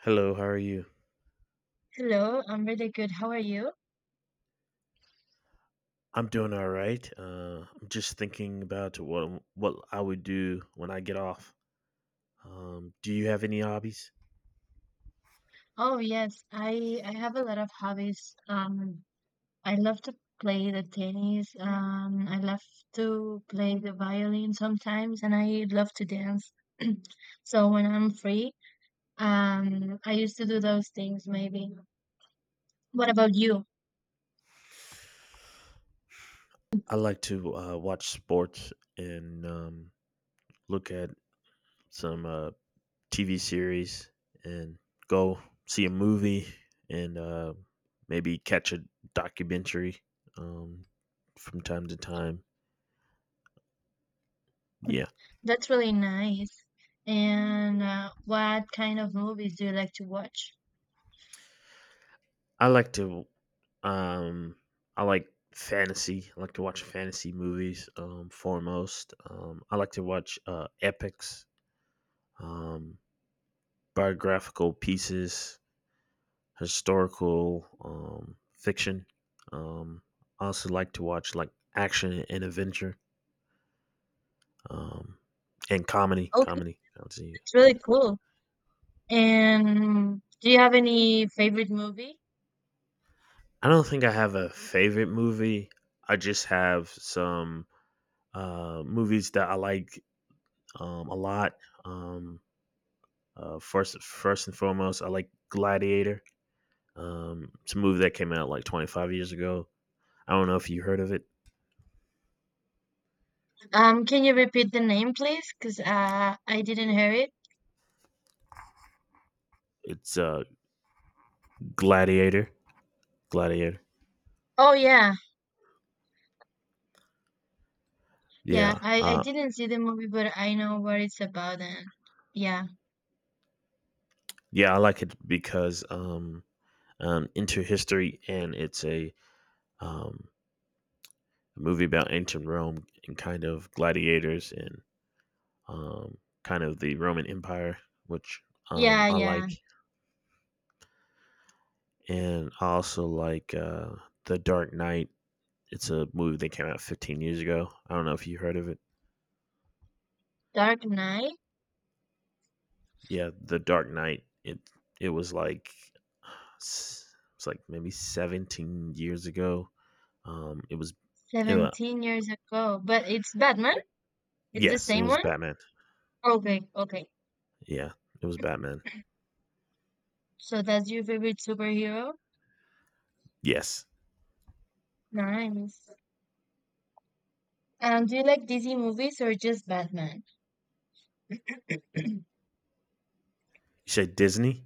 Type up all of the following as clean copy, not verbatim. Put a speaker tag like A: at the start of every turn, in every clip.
A: Hello, how are you?
B: Hello, I'm really good. How are you?
A: I'm doing all right. I'm just thinking about what I would do when I get off. Do you have any hobbies?
B: Oh yes, I have a lot of hobbies. I love to play the tennis. I love to play the violin sometimes, and I love to dance. So when I'm free, I used to do those things maybe. What about you?
A: I like to watch sports and look at some TV series and go see a movie and maybe catch a documentary um, from time to time. Yeah,
B: That's really nice. And what kind of movies do you like to watch?
A: I like to um I like fantasy. I like to watch fantasy movies foremost. I like to watch epics, um biographical pieces, historical fiction. Um I also like to watch like action and adventure. Um and comedy,
B: Okay,
A: comedy. I would say,
B: that's
A: yeah.
B: really cool. And do you have any favorite movie?
A: I don't think I have a favorite movie. I just have some movies that I like a lot. Um first and foremost, I like Gladiator. It's a movie that came out like 25 years ago. I don't know if you heard of it.
B: Can you repeat the name, please? Because I didn't hear it.
A: It's Gladiator. Gladiator.
B: Oh yeah,
A: Yeah.
B: yeah. I
A: Uh,
B: didn't see the movie, but I know what it's about. And yeah,
A: yeah, I like it because into history, and um, a movie about ancient Rome and kind of gladiators and um, kind of the Roman Empire, which
B: yeah,
A: I
B: yeah.
A: like. And I also like The Dark Knight. It's a movie that came out 15 years ago. I don't know if you heard of it.
B: Dark Knight,
A: Yeah, The Dark Knight. It was like it's like maybe 17 years ago. It was it, wa-
B: 17 ago. But it's Batman.
A: it
B: It's the
A: Yes, it
B: same
A: was
B: one.
A: Batman.
B: Okay, okay.
A: Yeah, it was Batman.
B: So that's your favorite superhero.
A: Yes,
B: Nice. And do you like DC movies or just Batman?
A: you said Disney.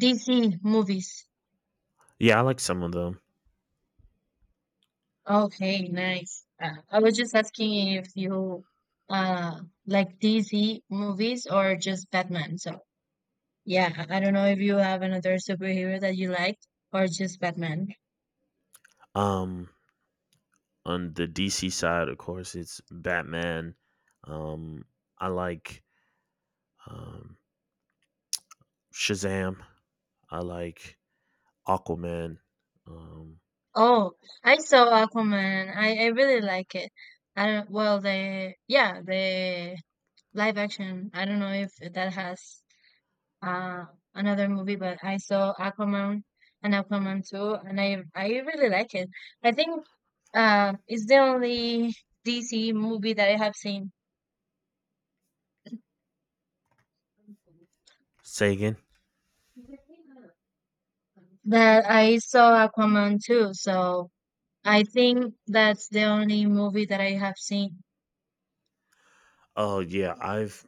B: DC movies.
A: Yeah, I like some of them.
B: Okay, nice. I was just asking if you like DC movies or just Batman. So yeah, I don't know if you have another superhero that you like or just Batman.
A: Um, on the DC side, of course, it's Batman. Um, I like um Shazam. I like Aquaman. Um,
B: Oh, I saw Aquaman. I really like it. I don't, well, the yeah, the live action. I don't know if that has Uh, another movie, but I saw Aquaman and Aquaman 2, and I really like it. I think it's the only DC movie that I have seen.
A: Say again.
B: That I saw Aquaman 2, so I think that's the only movie that I have seen.
A: Oh yeah, I've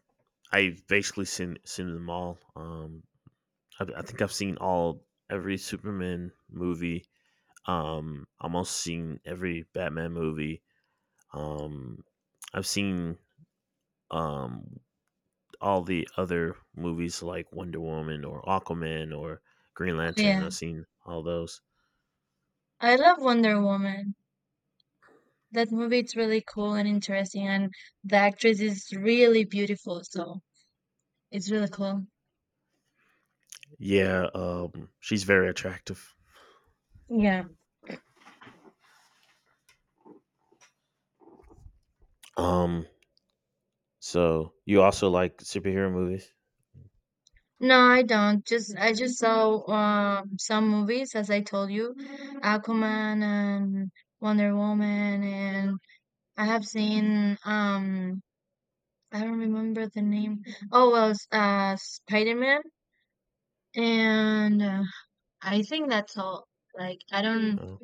A: I've basically seen them all. I think I've seen all every Superman movie. Almost seen every Batman movie. Um, I've seen um all the other movies like Wonder Woman or Aquaman or Green
B: Oh,
A: Lantern.
B: yeah,
A: I've seen all those.
B: I love Wonder Woman. That movie is really cool and interesting, and the actress is really beautiful, so it's really cool.
A: Yeah. She's very attractive.
B: Yeah.
A: Um, so you also like superhero movies?
B: No, I don't. Just I just saw some movies, as I told you, Aquaman and Wonder Woman, and I have seen I don't remember the name. Oh well, Spider Man, and I think that's all. Like
A: Oh,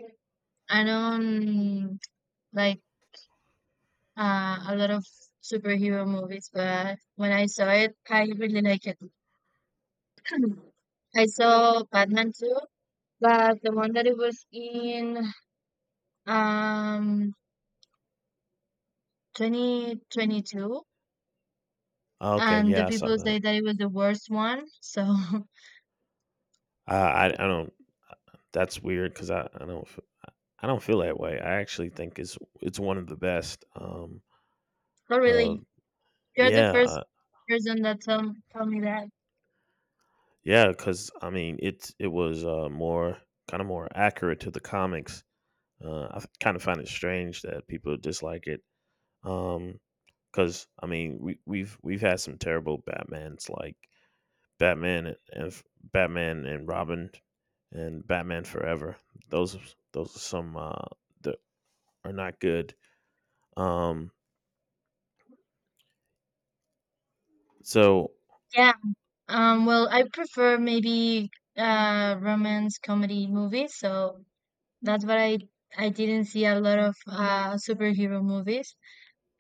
B: I don't like a lot of superhero movies, but when I saw it, I really like it. I saw Batman too, but the one that it was in um 2022,
A: okay.
B: and the
A: Yeah, I saw
B: people
A: that.
B: say that it was the worst one. So,
A: I don't. That's weird because I don't feel that way. I actually think it's one of the best.
B: not
A: Uh.
B: really. You're the
A: Yeah.
B: first
A: Uh,
B: person that tell me that.
A: yeah. Because I mean, it was more kind of more accurate to the comics. I kind of find it strange that people dislike it. Um. Because I mean, we've had some terrible Batmans like Batman and and- Batman and Robin and Batman Forever. Those those are some that are not good. Um, so
B: Yeah. Well, I prefer maybe romance comedy movies. So that's what I didn't see a lot of superhero movies.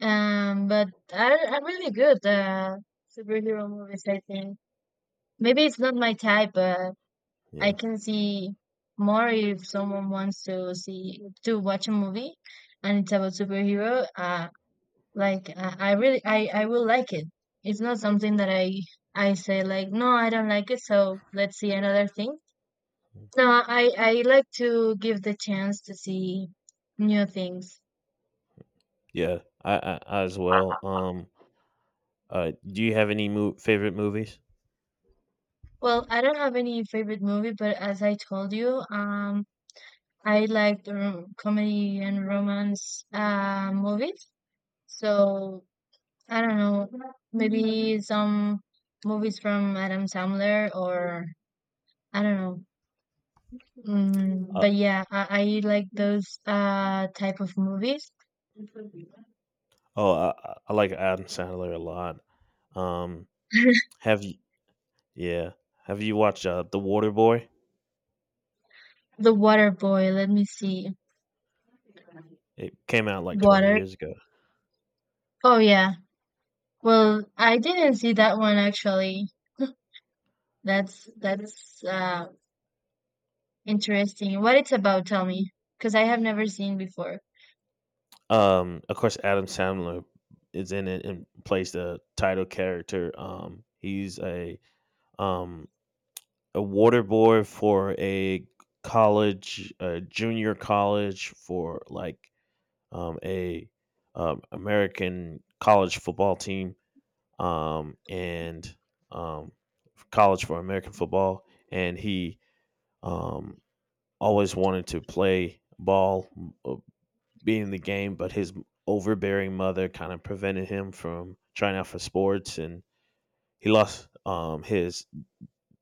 B: But I I'm really good superhero movies. I think maybe it's not my type, but I
A: yeah,
B: can see more if someone wants to see to watch a movie and it's about superhero. I really I will like it. It's not something that I say like no I don't like it so let's see another thing. No, I like to give the chance to see new things.
A: yeah, I as well. Do you have any favorite movies?
B: Well, I don't have any favorite movie, but as I told you, I like the rom- comedy and romance movies. So I don't know, maybe some movies from Adam Sandler or I don't know.
A: Uh,
B: But yeah, I like those type of movies.
A: oh, I like Adam Sandler a lot. Um, have you? Yeah, have you watched The Water Boy?
B: The Water Boy, let me see.
A: It came out like twenty
B: Water.
A: years ago.
B: Oh yeah. Well, I didn't see that one actually. That's interesting. What it's about, tell me, because I have never seen before.
A: Of course, Adam Sandler is in it and plays the title character. He's um a water boy for a college, a junior college for like a American college football team, and um, college for American football, and he um, always wanted to play ball, uh, be in the game, but his overbearing mother kind of prevented him from trying out for sports, and he lost his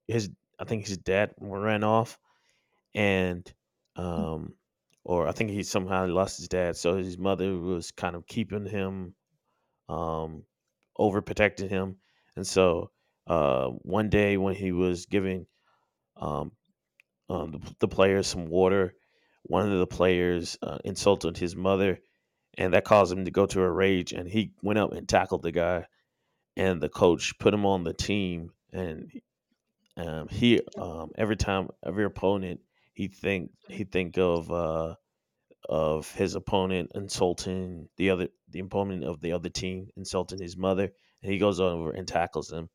A: his. I think his dad ran off, and um, or I think he somehow lost his dad, so his mother was kind of keeping him, um, overprotecting him, and so one day when he was giving um, the players some water, one of the players insulted his mother, and that caused him to go to a rage, and he went up and tackled the guy, and the coach put him on the team, and he every time every opponent he think of. Of his opponent insulting the opponent of the other team insulting his mother, and he goes over and tackles him,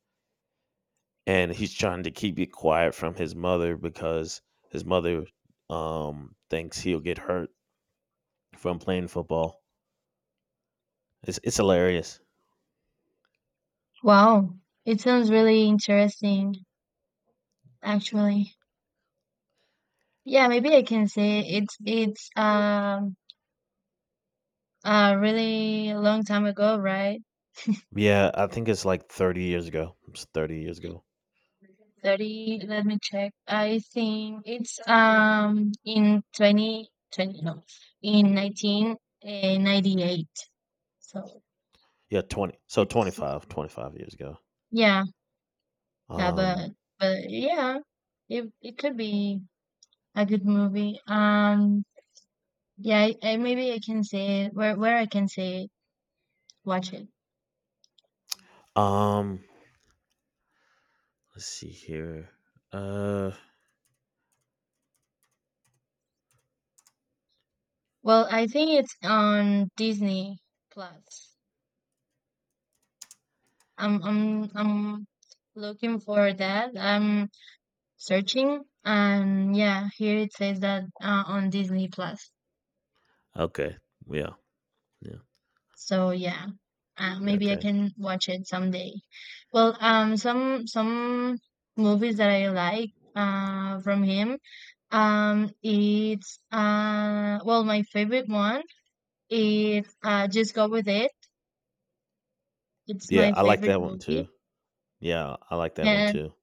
A: and he's trying to keep it quiet from his mother because his mother thinks he'll get hurt from playing football. It's hilarious.
B: Wow. It sounds really interesting actually. Yeah, maybe I can say it's it's a really long time ago, right?
A: Yeah, I think it's like 30 years ago. It's 30 years ago.
B: 30, let me check. I think it's in 2020. No, in 1998. So
A: Yeah, 20, so
B: it's,
A: twenty-five, years ago.
B: yeah, yeah,
A: um
B: but yeah, it could be a good movie. Yeah, I, maybe I can say it, where I can say it, watch it.
A: um let's see here. uh
B: Well, I think it's on Disney Plus. I'm looking for that. I'm searching and yeah here it says that on Disney Plus.
A: okay. Yeah. Yeah.
B: So yeah,
A: Yeah.
B: maybe I
A: Okay.
B: can watch it someday. Well some movies that I like from him, it's well my favorite one is Just Go With It. It's
A: Yeah,
B: my
A: I like
B: favorite
A: that one
B: movie,
A: too. Yeah, I like that one
B: and
A: too.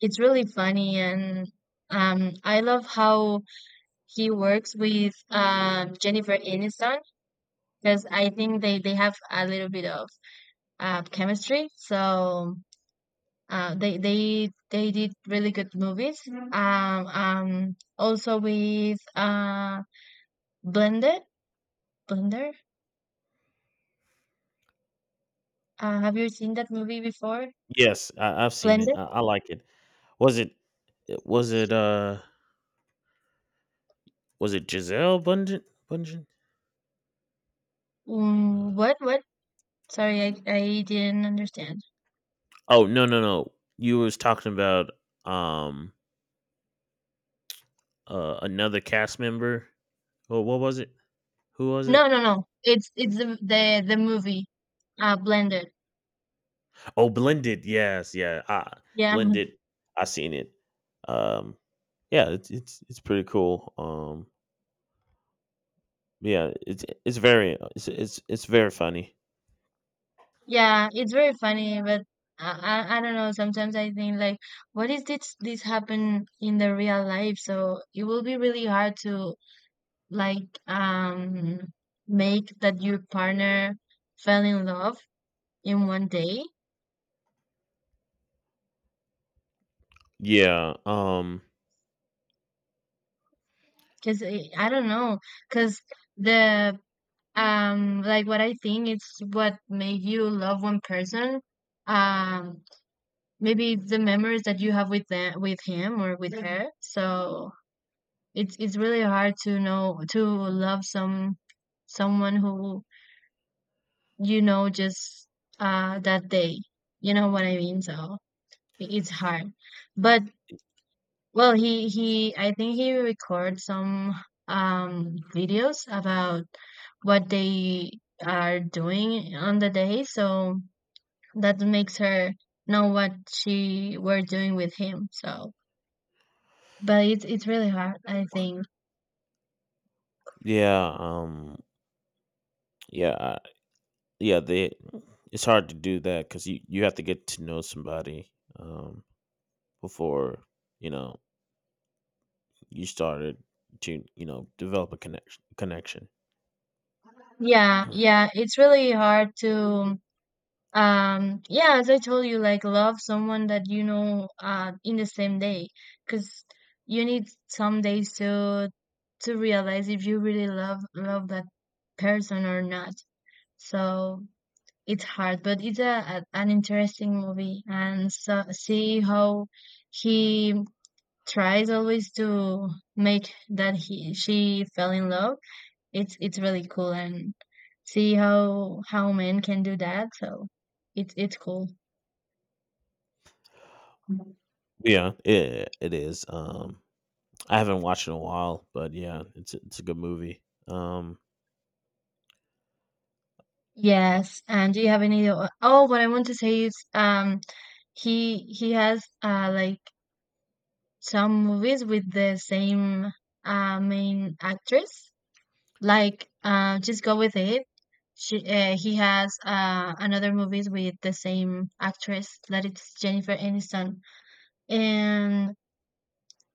B: it's really funny, and I love how he works with Jennifer Aniston, because I think they have a little bit of chemistry. So uh, they did really good movies. Mhm. Also with Blended. Blender. Have you seen that movie before?
A: Yes, I've seen it.
B: Blended.
A: I like it. Was it? it- Was it? Uh, was it Giselle Bundchen? Bundchen? Uh,
B: What what? Sorry, I didn't understand.
A: oh no, no, no! You was talking about um another cast member. Oh, what was it? Who was it?
B: No no no. It's the movie. Blended.
A: Oh, Blended. Yes, yeah. I
B: Yeah.
A: Blended. I seen it. Um, yeah, it's pretty cool. Yeah, it's very funny.
B: Yeah, it's very funny, but I don't know. Sometimes I think like, what is this happen in the real life? So it will be really hard to like make that your partner fell in love in one day.
A: Yeah.
B: Cause I don't know. Cause the like what I think it's what made you love one person. Um, maybe it's the memories that you have with them, with him or with Mhm. her. So it's really hard to know to love someone who you know just that day, you know what I mean, so it's hard, but well he I think he records some videos about what they are doing on the day, so that makes her know what she were doing with him, so but it's really hard, I think.
A: Yeah, um, yeah, I, yeah. They, it's hard to do that because you have to get to know somebody um before you know you started to develop a connection.
B: Yeah yeah it's really hard to yeah, as I told you, like love someone that you know in the same day, because you need some days to realize if you really love that person or not. So it's hard, but it's a an interesting movie, and so see how he tries always to make that he she fell in love. It's really cool, and see how men can do that. So it's cool.
A: Yeah, it is. I haven't watched in a while, but yeah, it's a good movie.
B: Yes, and do you have any? Oh, what I want to say is, he has like some movies with the same main actress. Like, Just Go With It. She he has another movies with the same actress that it's Jennifer Aniston, and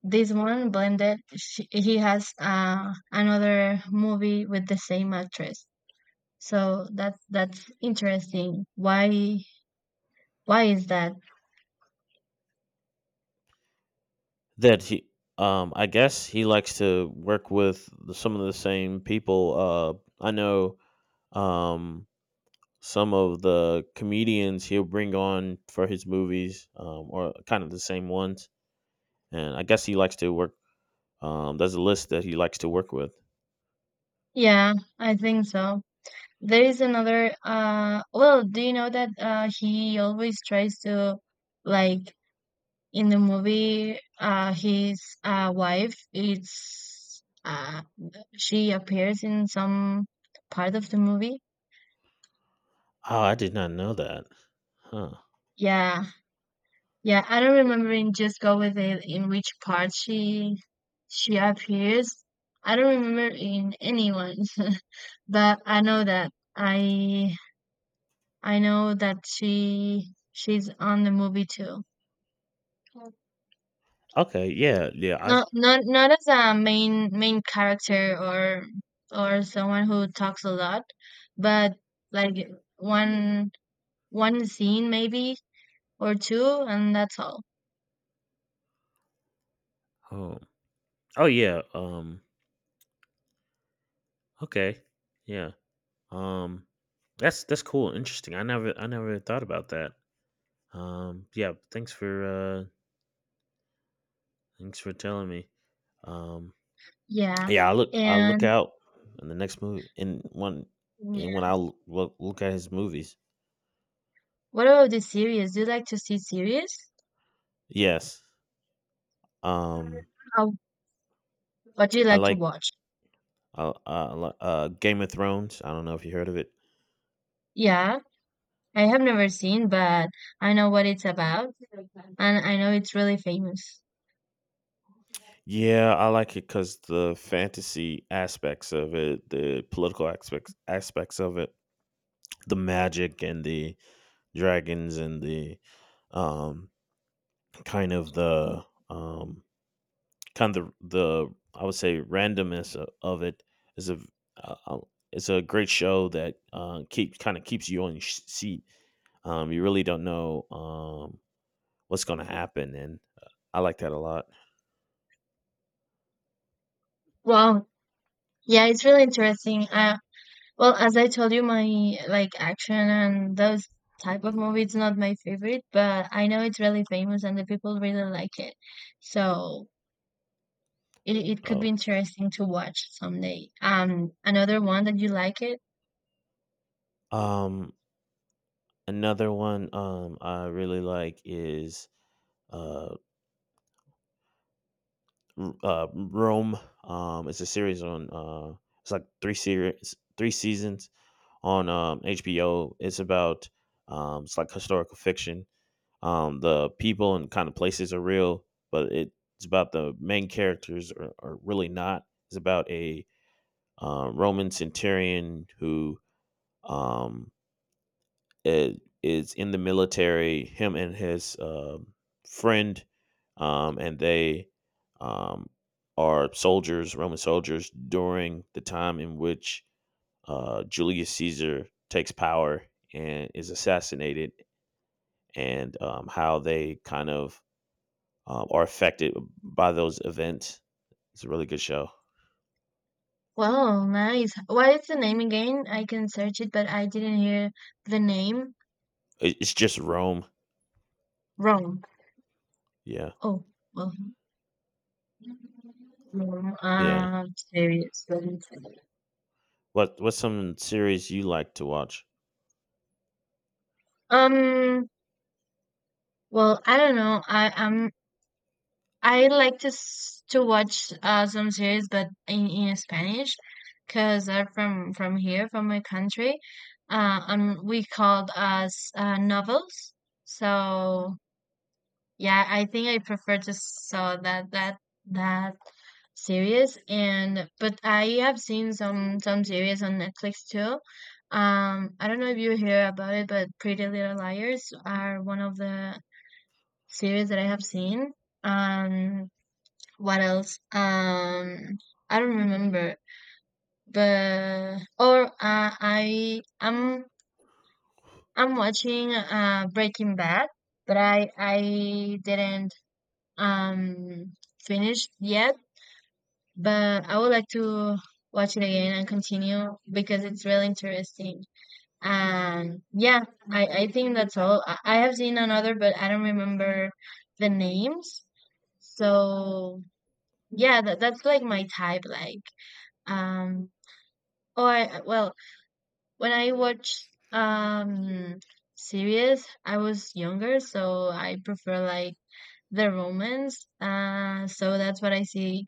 B: this one Blended. She, he has another movie with the same actress. So that's interesting. Why? Why is that?
A: That he, I guess he likes to work with some of the same people. I know um, some of the comedians he'll bring on for his movies, or kind of the same ones. And I guess he likes to work. There's a list that he likes to work with.
B: Yeah, I think so. There is another well, do you know that he always tries to like in the movie his wife it's she appears in some part of the movie?
A: Oh, I did not know that. Huh.
B: Yeah. Yeah, I don't remember in Just Go With It in which part she appears. I don't remember in anyone, but I I know that she she's on the movie too.
A: Okay. Yeah. Yeah. I.
B: Not as a main character or someone who talks a lot, but like one one scene maybe or two and that's all.
A: Oh. Oh yeah. Okay. Yeah. Um. That's cool. Interesting. I never thought about that. Yeah, thanks for telling me. Um,
B: Yeah.
A: yeah, I look
B: And
A: out in the next movie in one, and
B: yeah.
A: when I look at his movies.
B: What about the series? Do you like to see series?
A: Yes. Um,
B: How, what do you
A: I
B: like to
A: like
B: watch?
A: Game of Thrones. I don't know if you heard of it.
B: Yeah, I have never seen, but I know what it's about and I know it's really famous.
A: Yeah, I like it because the fantasy aspects of it, the political aspects of it, the magic and the dragons and the um kind of the um kind of the I would say randomness of it. Is a uh, uh, it's a great show that keeps you on your seat. You really don't know what's going to happen, and I like that a lot.
B: Wow, yeah, it's really interesting. Well, as I told you, my like action and those type of movie, it's not my favorite, but I know it's really famous and the people really like it. So it could
A: Oh,
B: be interesting to watch someday. Another one that you like it.
A: um, another one I really like is uh, Rome. It's a series on it's like three series, three seasons on HBO. It's about it's like historical fiction. The people and kind of places are real, but it's about the main characters are really not. It's about a Roman centurion who um, i- is in the military. Him and his friend, and they um, are soldiers, Roman soldiers, during the time in which Julius Caesar takes power and is assassinated, and how they kind of are affected by those events. It's a really good show.
B: Well, nice. What is the name again? I can search it, but I didn't hear the name.
A: It's just Rome.
B: Wrong.
A: Yeah,
B: Oh, well. Rome,
A: yeah.
B: uh, series.
A: What's some series you like to watch?
B: Um. Well, I don't know. I am I like to to watch some series, but in Spanish, because I'm from here, from my country. We called us novels. So yeah, I think I prefer to saw that series. And but I have seen some series on Netflix too. I don't know if you hear about it, but Pretty Little Liars are one of the series that I have seen. Um, what else? I don't remember. But or uh, I'm watching Breaking Bad, but I didn't um finish yet. But I would like to watch it again and continue because it's really interesting. And yeah, I think that's all. I have seen another, but I don't remember the names. So yeah, that that's like my type, like um Oh, I, well, when I watch series, I was younger, so I prefer like the romance. So that's what I see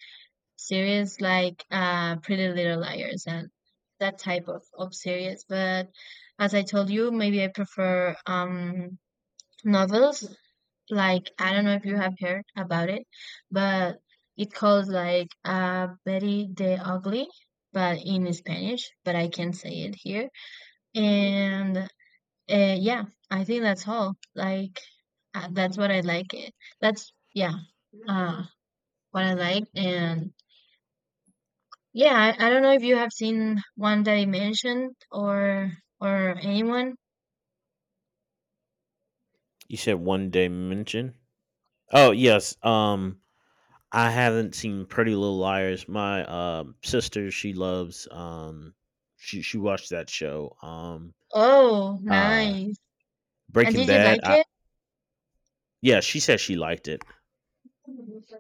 B: series like Pretty Little Liars and that type of series. But as I told you, maybe I prefer novels. Like I don't know if you have heard about it, but it calls like Betty the Ugly, but in Spanish, but I can't say it here, and yeah, I think that's all. Like that's what I like. It. That's yeah, uh, what I like. And yeah, I don't know if you have seen one that I mentioned or anyone.
A: You said One Day Mention. Oh yes. I haven't seen Pretty Little Liars. My sister, she loves she watched that show.
B: Oh,
A: Uh,
B: nice. And
A: Breaking
B: did you
A: Bad.
B: like
A: I
B: it?
A: Yeah, she said she liked it.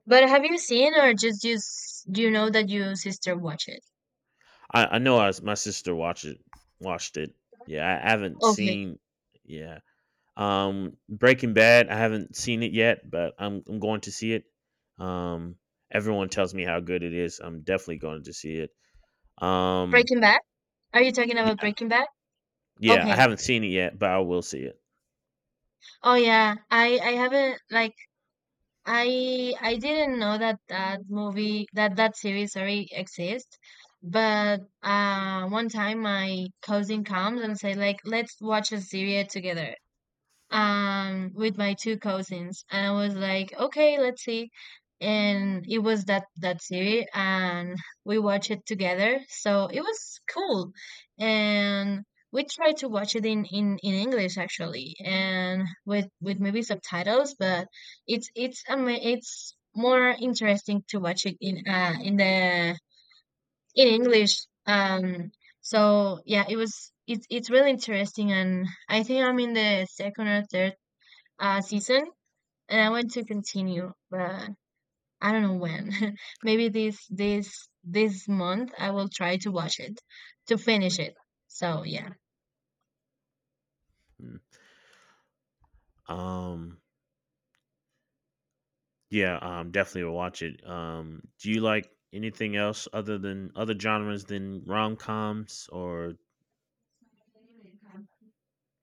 B: But have you seen or just do you know that your sister watched it?
A: I know my sister watched it. Watched it. Yeah, I haven't
B: Okay,
A: seen. Yeah, Breaking Bad. I haven't seen it yet, but I'm going to see it. Um, Everyone tells me how good it is. I'm definitely going to see it. Um,
B: Breaking Bad. Are you talking about
A: yeah,
B: Breaking Bad?
A: yeah. I
B: Okay.
A: haven't seen it yet, but I will see it.
B: Oh yeah, I haven't like, I didn't know that that movie, that series, sorry, exists, but one time my cousin comes and say like, let's watch a series together, with my two cousins and I was like, okay, let's see. And it was that series and we watched it together. So it was cool. And we tried to watch it in English actually and with maybe subtitles, but it's more interesting to watch it in the in English. Um so yeah, it was it's really interesting and I think I'm in the second or third season and I want to continue, but I don't know when. Maybe this month I will try to watch it to finish it. So yeah.
A: Mm. Um, yeah. Definitely will watch it. Do you like anything else, other than other genres than rom coms, or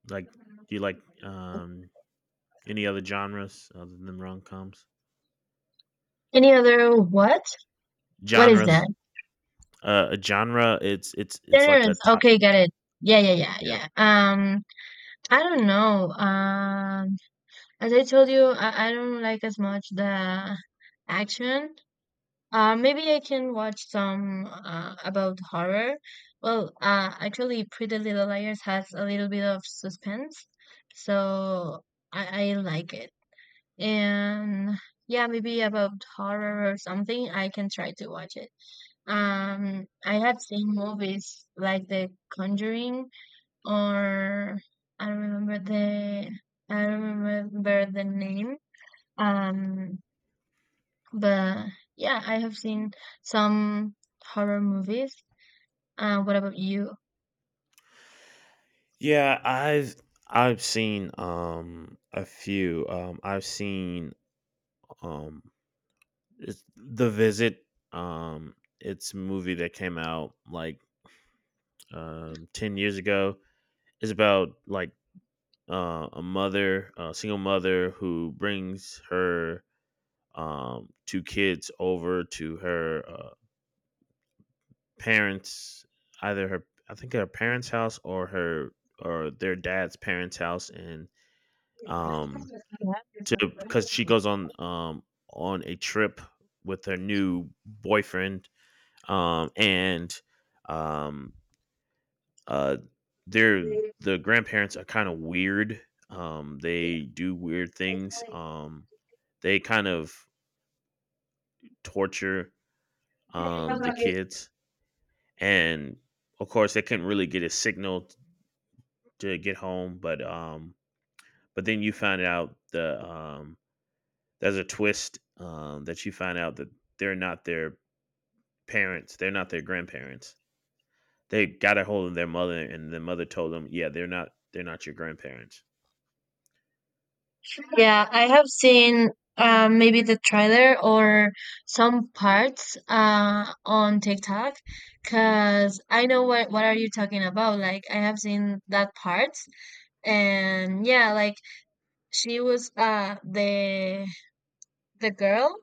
A: like do you like any other genres other than rom coms?
B: Any other what? What is
A: Genres.
B: that?
A: A genre. It's like a
B: Generous.
A: type.
B: Okay, got it. Yeah, yeah, yeah,
A: Yeah.
B: yeah. I don't know. As I told you, I don't like as much the action. Maybe I can watch some about horror. Well, actually, Pretty Little Liars has a little bit of suspense, so I like it. And yeah, maybe about horror or something, I can try to watch it. I have seen movies like The Conjuring, or I don't remember the I don't remember the name. Um, but yeah, I have seen some horror movies. What about you?
A: Yeah, I've seen a few. I've seen um it's The Visit. Um it's a movie that came out like 10 years ago. It's about like a single mother who brings her two kids over to her parents, either her I think her parents' house, or her or their dad's parents' house, and um, to because she goes on a trip with her new boyfriend. Um, and um, uh, they're the grandparents are kind of weird. They do weird things. They kind of torture the kids, and of course they couldn't really get a signal to get home. But but then you find out there's a twist that you find out that they're not their parents, they're not their grandparents. They got a hold of their mother, and the mother told them, yeah, they're not, they're not your grandparents.
B: Yeah, I have seen maybe the trailer or some parts on TikTok because I know what are you talking about. Like I have seen that part, and yeah, like she was the girl.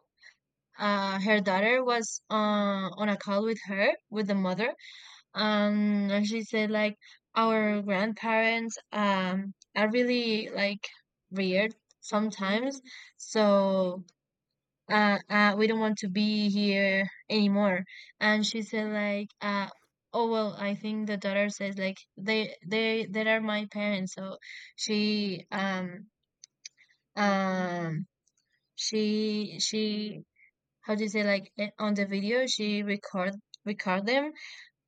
B: Her daughter was on a call with her, with the mother, and she said like, our grandparents are really like weird sometimes, so we don't want to be here anymore. And she said like, oh well, I think the daughter says like, they are my parents. So she um um she, how do you say, like, on the video she record them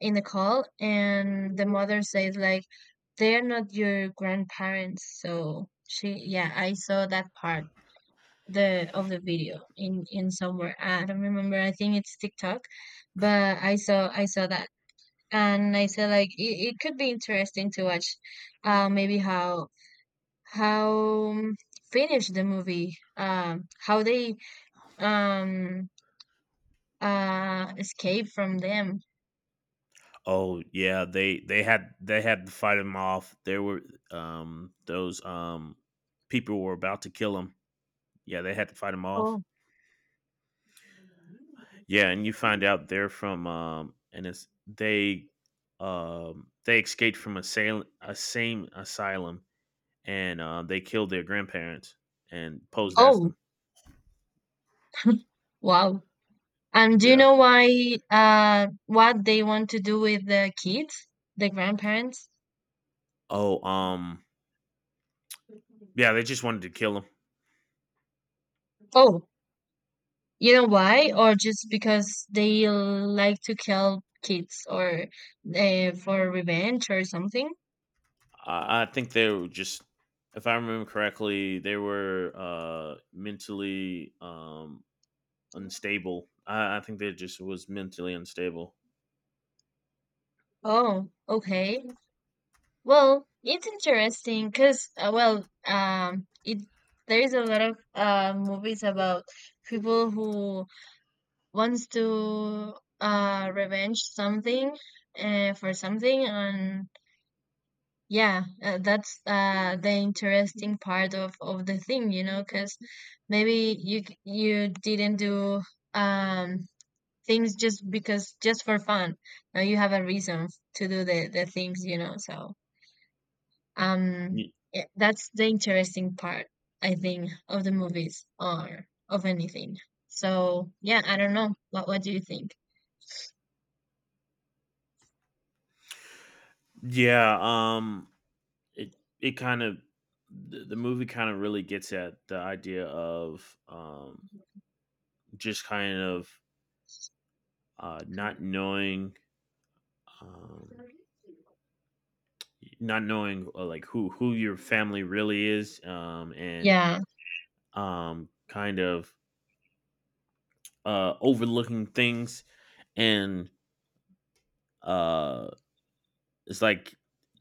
B: in the call, and the mother says like, they're not your grandparents. So she, yeah, I saw that part, the of the video in somewhere. I don't remember. I think it's TikTok, but I saw that. And I said like, it could be interesting to watch maybe how how um, finish the movie, how they um escape from them.
A: Oh yeah, they had to fight him off. There were those people were about to kill him. Yeah, they had to fight them off.
B: Oh.
A: Yeah, and you find out they're from and it's they escaped from a same asylum, and they killed their grandparents and posed as
B: Oh,
A: them.
B: wow. And do you
A: Yeah.
B: know why, what they want to do with the kids, the grandparents?
A: Oh, yeah, they just wanted to kill them.
B: Oh, you know why? Or just because they like to kill kids, or for revenge or something?
A: I think they were just, if I remember correctly, they were mentally unstable. I think they just was mentally unstable.
B: Oh, okay. Well, it's interesting because, well, it there is a lot of movies about people who wants to revenge something, for something. And yeah, that's the interesting part of the thing, you know, because maybe you didn't do um, things just because, just for fun. Now you have a reason to do the things, you know. So um,
A: Y-
B: yeah, that's the interesting part, I think, of the movies or of anything. So yeah, I don't know. What do you think?
A: Yeah, it it kind of the movie kind of really gets at the idea of just kind of not knowing, um, not knowing, like who your family really is, and
B: Yeah,
A: kind of overlooking things. And uh, it's like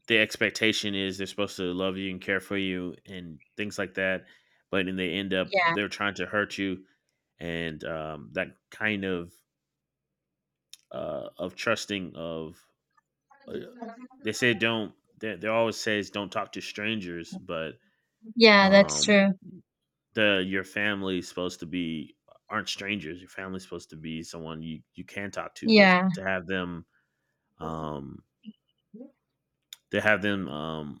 A: the expectation is they're supposed to love you and care for you and things like that, but then they end up
B: yeah,
A: they're trying to hurt you. And that kind of trusting of. Uh, they say don't. They always says don't talk to strangers, but
B: yeah. That's
A: um,
B: true.
A: the your family's supposed to be, aren't strangers. Your family's supposed to be someone you can talk to, but
B: Yeah.
A: um to have them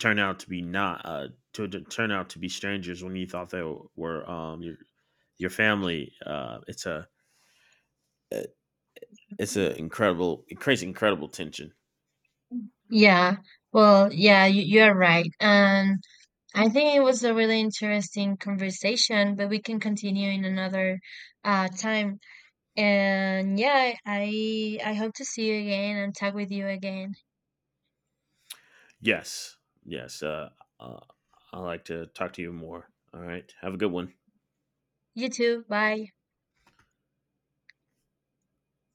A: turn out to be not to turn out to be strangers when you thought they were your family. It's a incredible, it creates incredible tension.
B: Yeah, well, yeah, you're right. And I think it was a really interesting conversation, but we can continue in another time. And yeah, I hope to see you again and talk with you again.
A: Yes. Yes. Uh, I'd like to talk to you more. All right. Have a good one.
B: You too. Bye.